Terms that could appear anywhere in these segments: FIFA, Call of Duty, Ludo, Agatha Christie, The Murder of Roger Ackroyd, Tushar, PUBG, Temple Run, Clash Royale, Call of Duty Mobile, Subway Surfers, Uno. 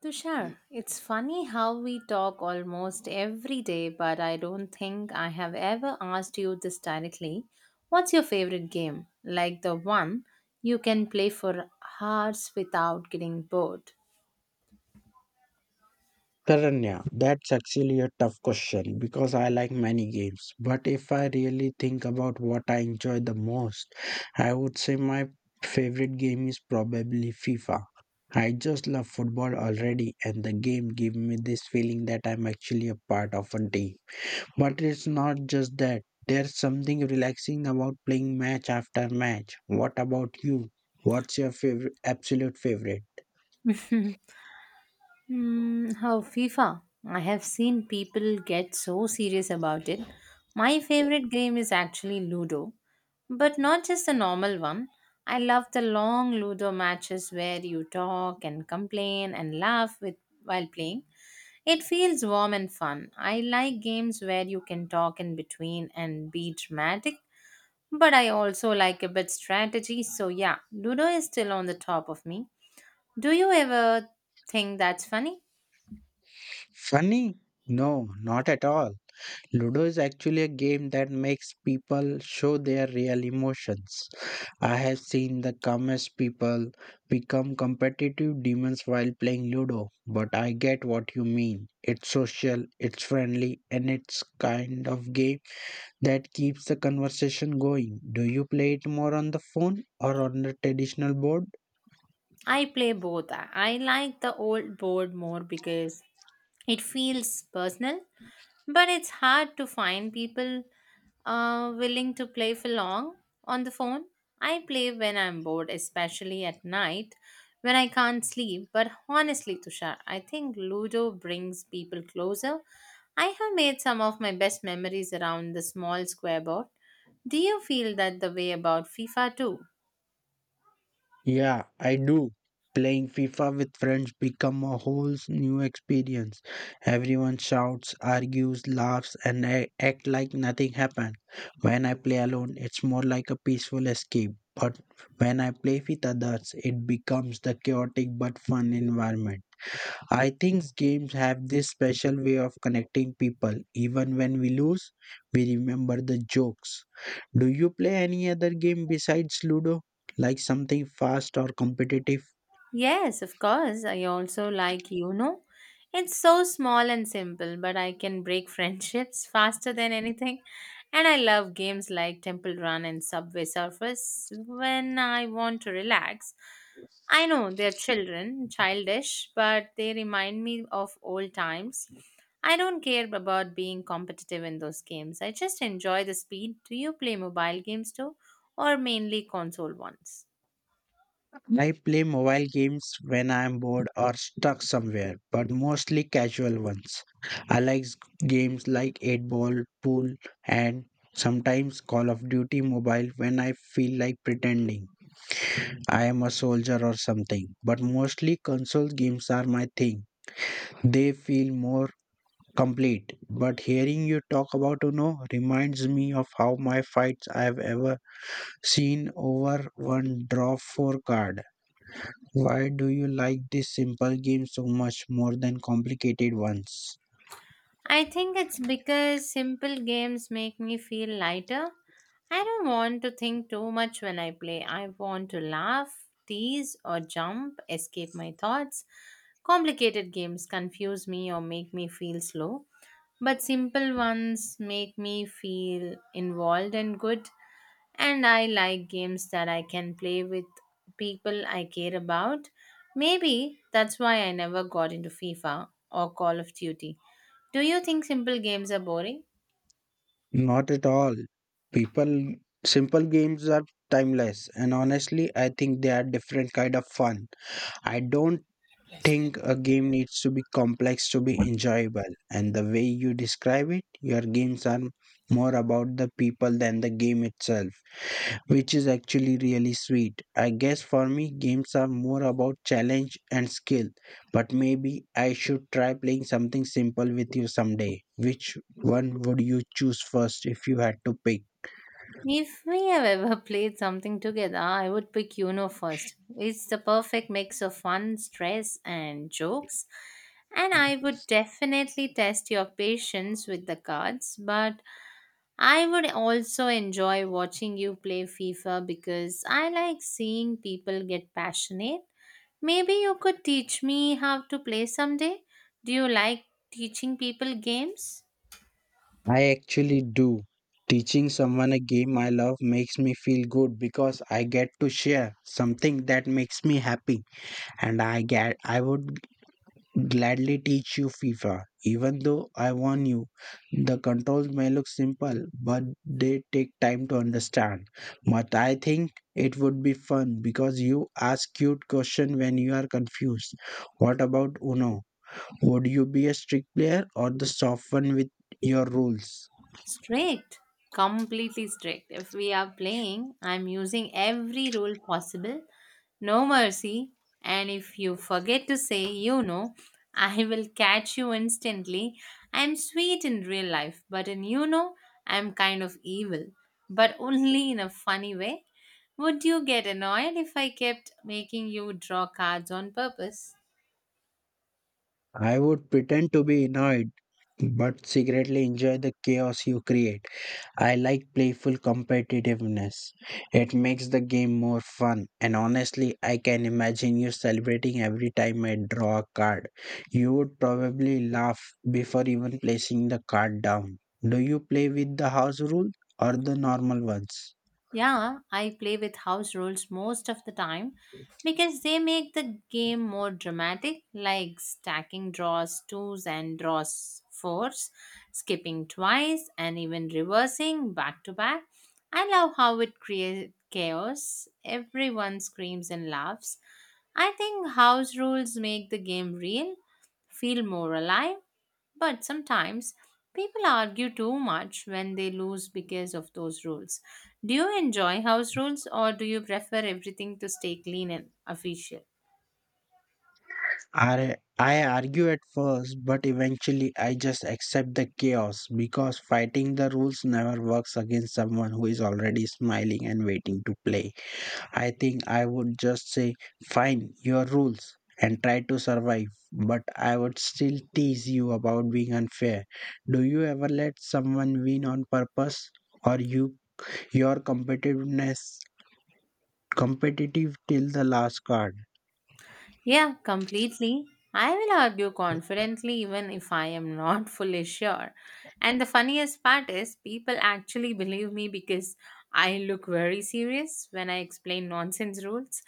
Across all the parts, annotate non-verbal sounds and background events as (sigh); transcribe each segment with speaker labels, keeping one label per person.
Speaker 1: Tushar, it's funny how we talk almost every day, but I don't think I have ever asked you this directly. What's your favorite game? Like the one you can play for hours without getting bored.
Speaker 2: Taranya, that's actually a tough question because I like many games. But if I really think about what I enjoy the most, I would say my favorite game is probably FIFA. I just love football already, and the game gave me this feeling that I'm actually a part of a team. But it's not just that, there's something relaxing about playing match after match. What about you? What's your favorite, absolute favorite?
Speaker 1: (laughs) Hmm, how FIFA? I have seen people get so serious about it. My favorite game is actually Ludo, but not just the normal one. I love the long Ludo matches where you talk and complain and laugh with while playing. It feels warm and fun. I like games where you can talk in between and be dramatic, but I also like a bit strategy. So yeah, Ludo is still on the top of me. Do you ever think that's funny?
Speaker 2: Funny? No, not at all. Ludo is actually a game that makes people show their real emotions. I have seen the calmest people become competitive demons while playing Ludo, but I get what you mean. It's social, it's friendly, and it's kind of game that keeps the conversation going. Do you play it more on the phone or on the traditional board?
Speaker 1: I play both. I like the old board more because it feels personal, but it's hard to find people willing to play for long on the phone. I play when I'm bored, especially at night when I can't sleep. But honestly, Tushar, I think Ludo brings people closer. I have made some of my best memories around the small square board. Do you feel that the way about FIFA too?
Speaker 2: Yeah, I do. Playing FIFA with friends become a whole new experience. Everyone shouts, argues, laughs, and act like nothing happened. When I play alone, it's more like a peaceful escape. But when I play with others, it becomes the chaotic but fun environment. I think games have this special way of connecting people. Even when we lose, we remember the jokes. Do you play any other game besides Ludo? Like something fast or competitive?
Speaker 1: Yes, of course. I also like you know. It's so small and simple, but I can break (laughs) friendships faster than anything. And I love games like Temple Run and Subway Surfers when I want to relax. I know they're children, childish, but they remind me of old times. I don't care about being competitive in those games. I just enjoy the speed. Do you play mobile games too, or mainly console ones?
Speaker 2: I play mobile games when I am bored or stuck somewhere, but mostly casual ones. I like games like 8 Ball, Pool, and sometimes Call of Duty Mobile when I feel like pretending. I am a soldier or something. But mostly console games are my thing. They feel more complete. But hearing you talk about Uno reminds me of how my fights I've ever seen over one draw four card. Why do you like this simple game so much more than complicated ones?
Speaker 1: I think it's because simple games make me feel lighter. I don't want to think too much when I play. I want to laugh, tease, or jump, escape my thoughts. Complicated games confuse me or make me feel slow, but simple ones make me feel involved and good, and I like games that I can play with people I care about. Maybe that's why I never got into FIFA or Call of Duty. Do you think simple games are boring?
Speaker 2: Not at all. People simple games are timeless, and honestly I think they are different kind of fun. I don't think a game needs to be complex to be enjoyable, and the way you describe it, your games are more about the people than the game itself, which is actually really sweet. I guess for me, games are more about challenge and skill, but maybe I should try playing something simple with you someday. Which one would you choose first if you had to pick?
Speaker 1: If we have ever (laughs) played something together, I would pick Uno first. It's the perfect mix of fun, stress, and jokes. And I would definitely test your patience with the cards, but I would also enjoy watching you play FIFA because I like seeing people get passionate. Maybe you could teach me how to play someday. Do you like teaching people games?
Speaker 2: I actually do. Teaching someone a game I love makes me feel good because I get to share something that makes me happy, and I would gladly teach you FIFA. Even though I warn you, the controls may look simple but they take time to understand. But I think it would be fun because you ask cute questions when you are confused. What about Uno? Would you be a strict player or the soft one with your rules?
Speaker 1: Strict, completely strict. If we are playing, I'm using every rule possible. No mercy. And if you forget to say, you know, (laughs) I will catch you instantly. I'm sweet in real life, but in you know, I'm kind of evil, but only in a funny way. Would you get annoyed if I kept making you draw cards on purpose?
Speaker 2: I would pretend to be annoyed, but secretly enjoy the chaos you create. I like playful competitiveness. It makes the game more fun, and honestly, I can imagine you celebrating every time I draw a card. You would probably laugh before even placing the card down. Do you play with the house rule or the normal ones?
Speaker 1: Yeah, I play with house rules most of the time because they make the game more dramatic, like stacking draws twos and draws fours, skipping twice, and even reversing back to back. I love how it creates chaos. Everyone screams and laughs. I think house rules make the game real, feel more alive, but sometimes people argue too much when they lose because of those rules. Do you enjoy house rules or do you prefer everything to stay clean and official?
Speaker 2: I argue at first, but eventually I just accept the chaos because fighting the rules never works against someone who is already smiling and waiting to play. I think I would just say, fine, your rules, and try to survive, but I would still tease you about being unfair. Do you ever let someone win on purpose, or you your competitiveness competitive till the last card?
Speaker 1: Yeah, completely. I will argue confidently even if I am not (laughs) fully sure. And the funniest part is, people actually believe me because I look very serious when I explain nonsense rules.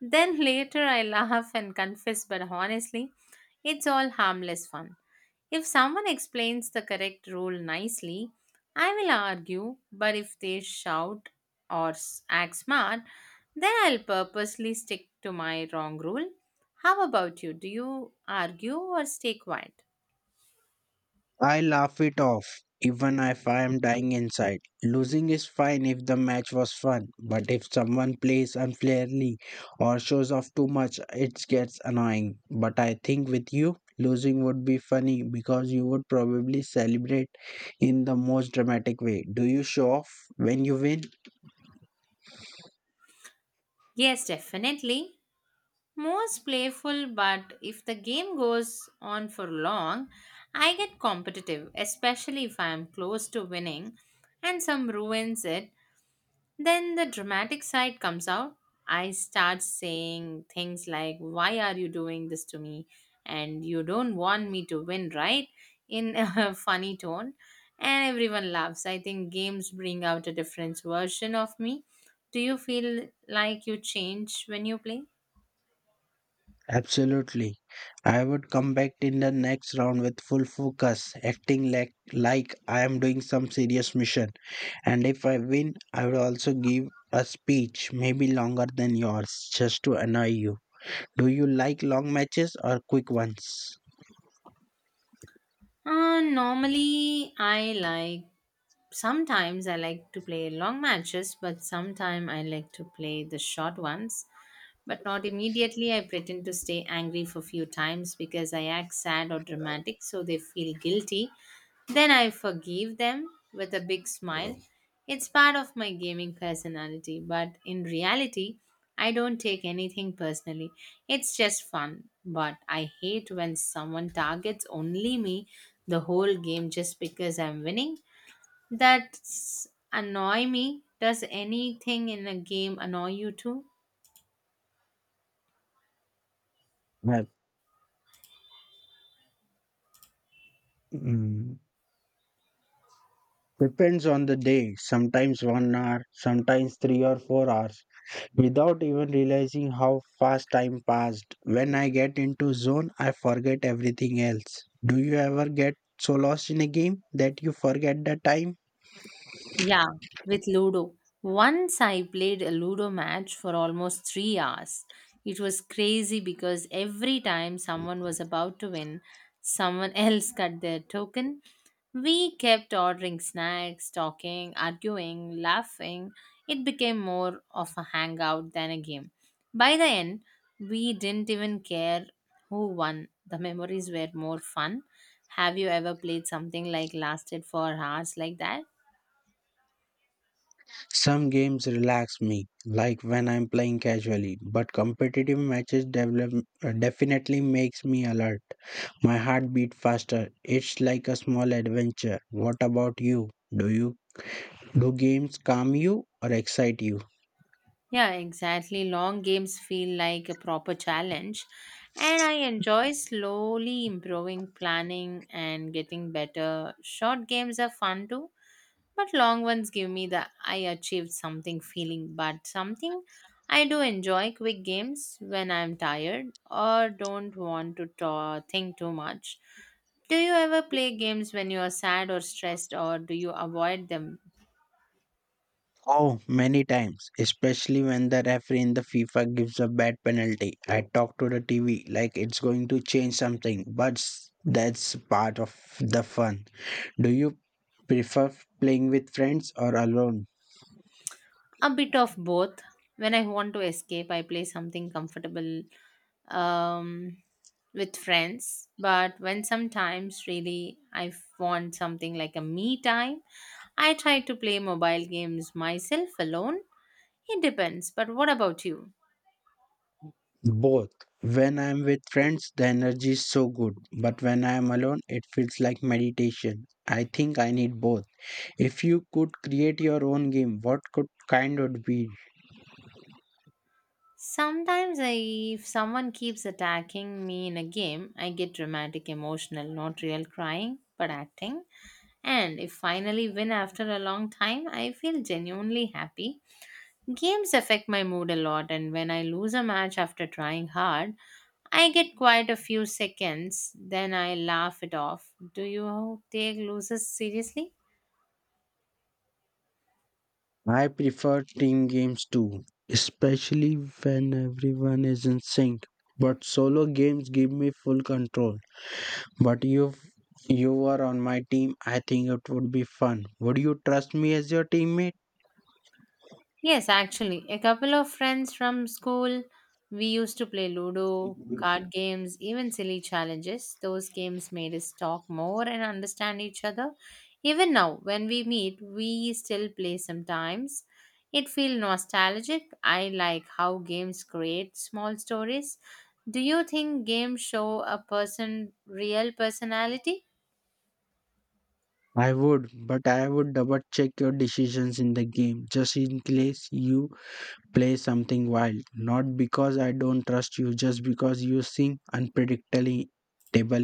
Speaker 1: Then later I (laughs) laugh and confess, but honestly, it's all harmless fun. If someone explains the correct rule nicely, I will argue, but if they shout or act smart, then I'll purposely stick to my wrong rule. How about you? Do you argue or stay quiet?
Speaker 2: I laugh it off, even if I am dying inside. Losing is fine if the match was fun, but if someone plays unfairly or shows off too much, it gets annoying. But I think with you, losing would be funny because you would probably celebrate in the most dramatic way. Do you show off when you win?
Speaker 1: Yes, definitely. Most playful, but if the game goes on for long, I get competitive, especially if I am close to winning and some ruins it. Then the dramatic side comes out. I start saying things like, why are you doing this to me? And you don't want me to win, right? In a (laughs) funny tone. And everyone laughs. I think games bring out a different version of me. Do you feel like you change when you play?
Speaker 2: Absolutely. I would come back in the next round with full focus, acting like I am doing some serious mission. And if I win, I would also give a speech, maybe longer than yours, just to annoy you. Do you like long matches or quick ones?
Speaker 1: Normally, I like sometimes I like to play long matches, but sometimes I like to play the short ones. But not immediately. I pretend to stay angry for few times because I act sad or dramatic, so they feel guilty. Then I forgive them with a big smile. It's part of my gaming personality, but in reality, I don't take anything personally. It's just fun. But I hate when someone targets only me the whole game just because I'm winning, that annoy me. Does anything in a game annoy you too?
Speaker 2: Well, mm, Depends on the day. Sometimes 1 hour, sometimes 3 or 4 hours, without even realizing how fast time passed. When I get into zone, I forget everything else. Do you ever get so lost in a game that you forget the time?
Speaker 1: Yeah, with Ludo. Once I played a Ludo match for almost 3 hours. It was crazy because every time someone was about to win, someone (laughs) else got their token. We kept ordering snacks, talking, arguing, laughing. It became more of a hangout than a game. By the end, we didn't even care who won. The memories were more fun. Have you ever played something like lasted for hours like that?
Speaker 2: Some games relax me, like when I'm playing casually, but competitive matches develop, definitely makes me alert. My heart beat faster. It's like a small adventure. What about you? Do you do games calm you or excite you?
Speaker 1: Yeah, exactly. Long games feel like a proper challenge, and I enjoy slowly improving planning and getting better. Short games are fun too, but long ones give me the I achieved something feeling, but something I do enjoy quick games when I'm tired or don't want to ta think too much. Do you ever play games when you are sad or stressed, or do you avoid them?
Speaker 2: Oh, many times, especially when the referee in the FIFA gives a bad penalty. I talk to the TV like it's going to change something, but that's part of the fun. Do you prefer playing with friends or alone?
Speaker 1: A bit of both. When I want to escape, I play something comfortable, um, with friends. But when sometimes really I want something like a me time, I try to play mobile games myself alone. It depends. But what about you?
Speaker 2: Both. When I'm with friends, the energy is so good, but when I'm alone, it feels like meditation. I think I need both. If you could create your own game, what could kind would be.
Speaker 1: Sometimes I, if someone keeps attacking me in a game, I get dramatic, emotional, not real crying, but acting. And if finally win after a long time, I feel genuinely happy. Games affect my mood a lot, and when I lose a match after trying hard, I get quite a few seconds, then I laugh it off. Do you take losers seriously?
Speaker 2: I prefer team games too, especially when everyone is in sync. But solo games give me full control. But if you were on my team, I think it would be fun. Would you trust me as your teammate?
Speaker 1: Yes, actually, a couple of friends from school, we used to play Ludo, card games, even silly challenges. Those games made us talk more and understand each other. Even now, when we meet, we still play sometimes. It feels nostalgic. I like how games create small stories. Do you think games show a person real personality?
Speaker 2: I would, but I would double check your decisions in the game just in case you play something wild. Not because I don't trust you, just because you seem unpredictable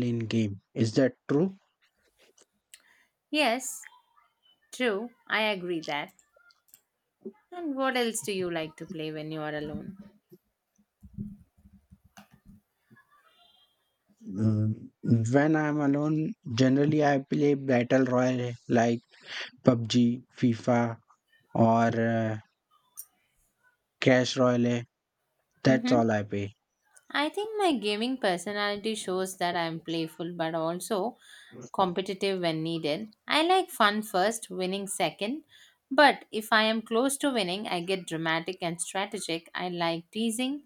Speaker 2: in game. Is that true?
Speaker 1: Yes, true. I agree that. And what else do you like to play when you are alone?
Speaker 2: Mm, When I'm alone, generally I play Battle Royale like PUBG, FIFA, or Clash Royale. That's
Speaker 1: Mm-hmm.
Speaker 2: all I play.
Speaker 1: I think my gaming personality shows that I'm playful but also competitive when needed. I like fun first, winning second, but if I am close to winning, I get dramatic and strategic. I like teasing,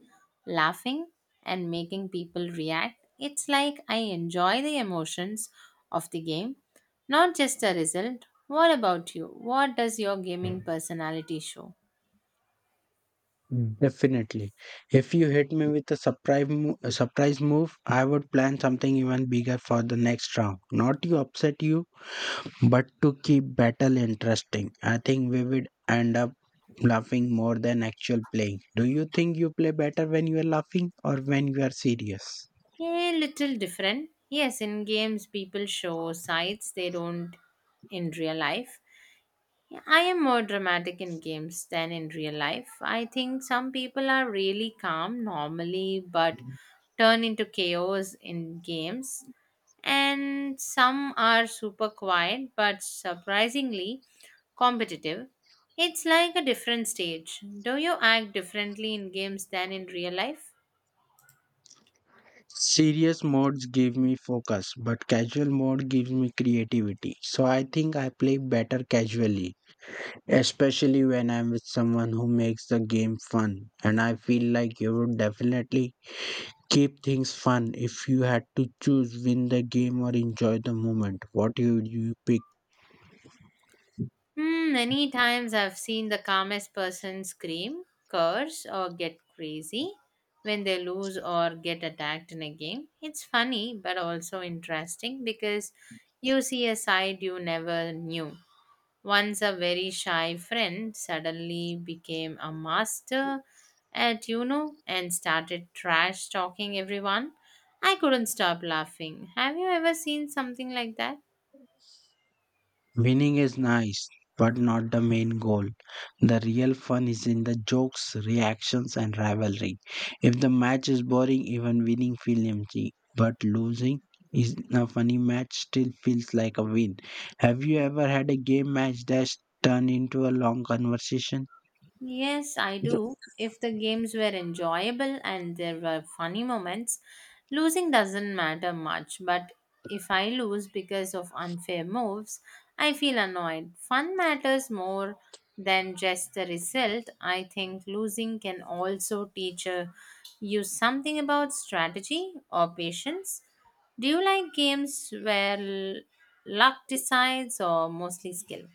Speaker 1: laughing, and making people react. It's like I enjoy the emotions of the game, not just the result. What about you? What does your gaming personality show?
Speaker 2: Mm. Definitely. If you hit me with a surprise a surprise move, I would plan something even bigger for the next round. Not to upset you, but to keep battle interesting. I think we would end up laughing more than actual playing. Do you think you play better when you are laughing or when you are serious?
Speaker 1: A little different. Yes, in games, people show sides they don't in real life. I am more dramatic in games than in real life. I think some people are really calm normally but turn into chaos in games, and some are super quiet but surprisingly competitive. It's like a different stage. Do you act differently in games than in real life?
Speaker 2: Serious modes give me focus, but casual mode gives me creativity. So I think I play better casually, especially when I'm with someone who makes the game fun. And I feel like you would definitely keep things fun if you had to choose win the game or enjoy the moment. What you pick?
Speaker 1: Hmm, many times I've seen the calmest person scream, curse, or get crazy when they lose or get attacked in a game. It's funny but also interesting because you see a side you never knew. Once a very shy friend suddenly became a master at you know and started trash talking everyone. I couldn't stop laughing. Have you ever seen something like that?
Speaker 2: Winning is nice, but not the main goal. The real fun is in the jokes, reactions, and rivalry. If the match is boring, even winning feels empty. But losing is a funny match still feels like a win. Have you ever had a game match that's turned into a long conversation?
Speaker 1: Yes, I do. If the games were enjoyable and there were funny moments, losing doesn't matter much. But if I lose because of unfair moves, I feel annoyed. Fun matters more than just the result. I think losing can also teach you something about strategy or patience. Do you like games where luck decides or mostly skill?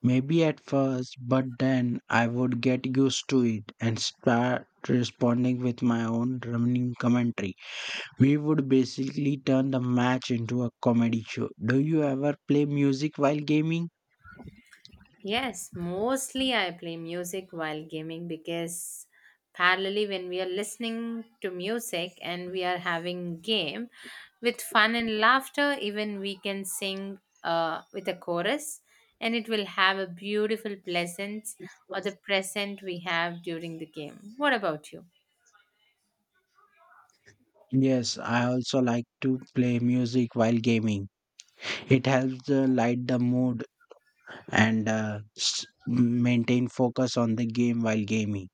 Speaker 2: Maybe at first, but then I would get used to it and start responding with my own running commentary. We would basically turn the match into a comedy show. Do you ever play music while gaming?
Speaker 1: Yes, mostly I play music while gaming because parallelly when we are listening to music and we are having game with fun and laughter even we can sing with a chorus and it will have a beautiful pleasance or the present we have during the game. What about you?
Speaker 2: Yes, I also like to play music while gaming. It helps light the mood and maintain focus on the game while gaming.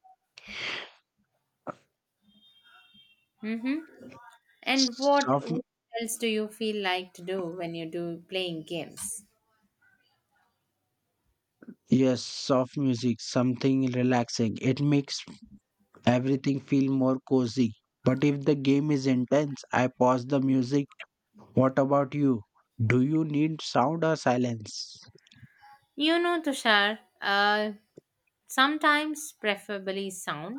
Speaker 1: Mhm. And what
Speaker 2: Soft,
Speaker 1: else do you feel like to do when you do playing games?
Speaker 2: yes, soft music, something relaxing. It makes everything feel more cozy. But if the game is intense, I pause the music. What about you? Do you need sound or silence?
Speaker 1: You know, Tushar, sometimes preferably sound,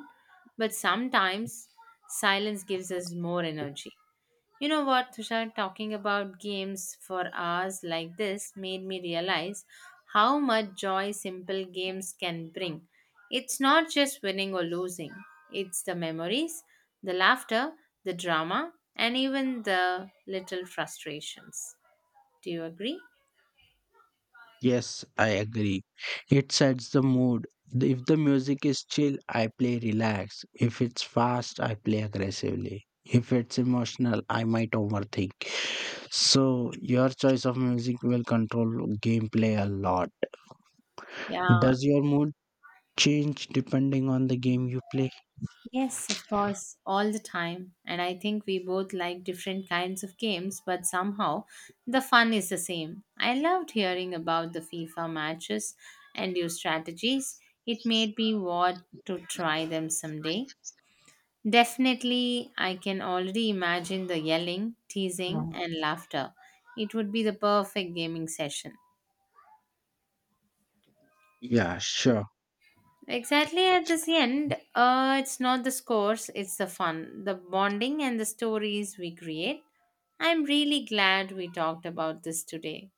Speaker 1: but sometimes silence gives us more energy. You know what, Tushar, talking about games for hours like this made me realize how much joy simple games can bring. It's not just winning or losing, it's the memories, the laughter, the drama, and even the little frustrations. Do you agree?
Speaker 2: Yes, I agree. It sets the mood. If the music is chill, I play relaxed. If it's fast, I play aggressively. If it's emotional, I might overthink. So, your choice of music will control gameplay a lot.
Speaker 1: Yeah,
Speaker 2: Does your mood change depending on the game you play?
Speaker 1: yes, of course, all the time. And I think we both like different kinds of games, but somehow the fun is the same. I loved hearing about the FIFA matches and your strategies. It made me want to try them someday. Definitely, I can already imagine the yelling, teasing,
Speaker 2: Wow.
Speaker 1: and laughter. It would be the perfect gaming session.
Speaker 2: Yeah, sure.
Speaker 1: Exactly at this end, it's not the scores, it's the fun, the bonding, and the stories we create. I'm really glad we talked about this today.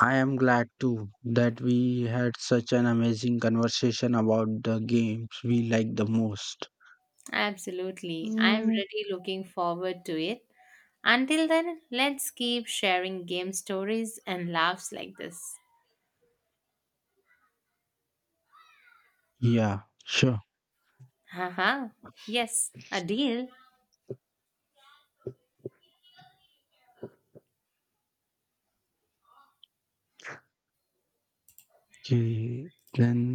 Speaker 2: I am glad too that we had such an amazing conversation about the games we like the most.
Speaker 1: Absolutely. I'm
Speaker 2: Mm,
Speaker 1: really looking forward to it. Until then, let's keep sharing game stories and laughs like this.
Speaker 2: Yeah, sure.
Speaker 1: Haha. Yes, a deal.
Speaker 2: जी, then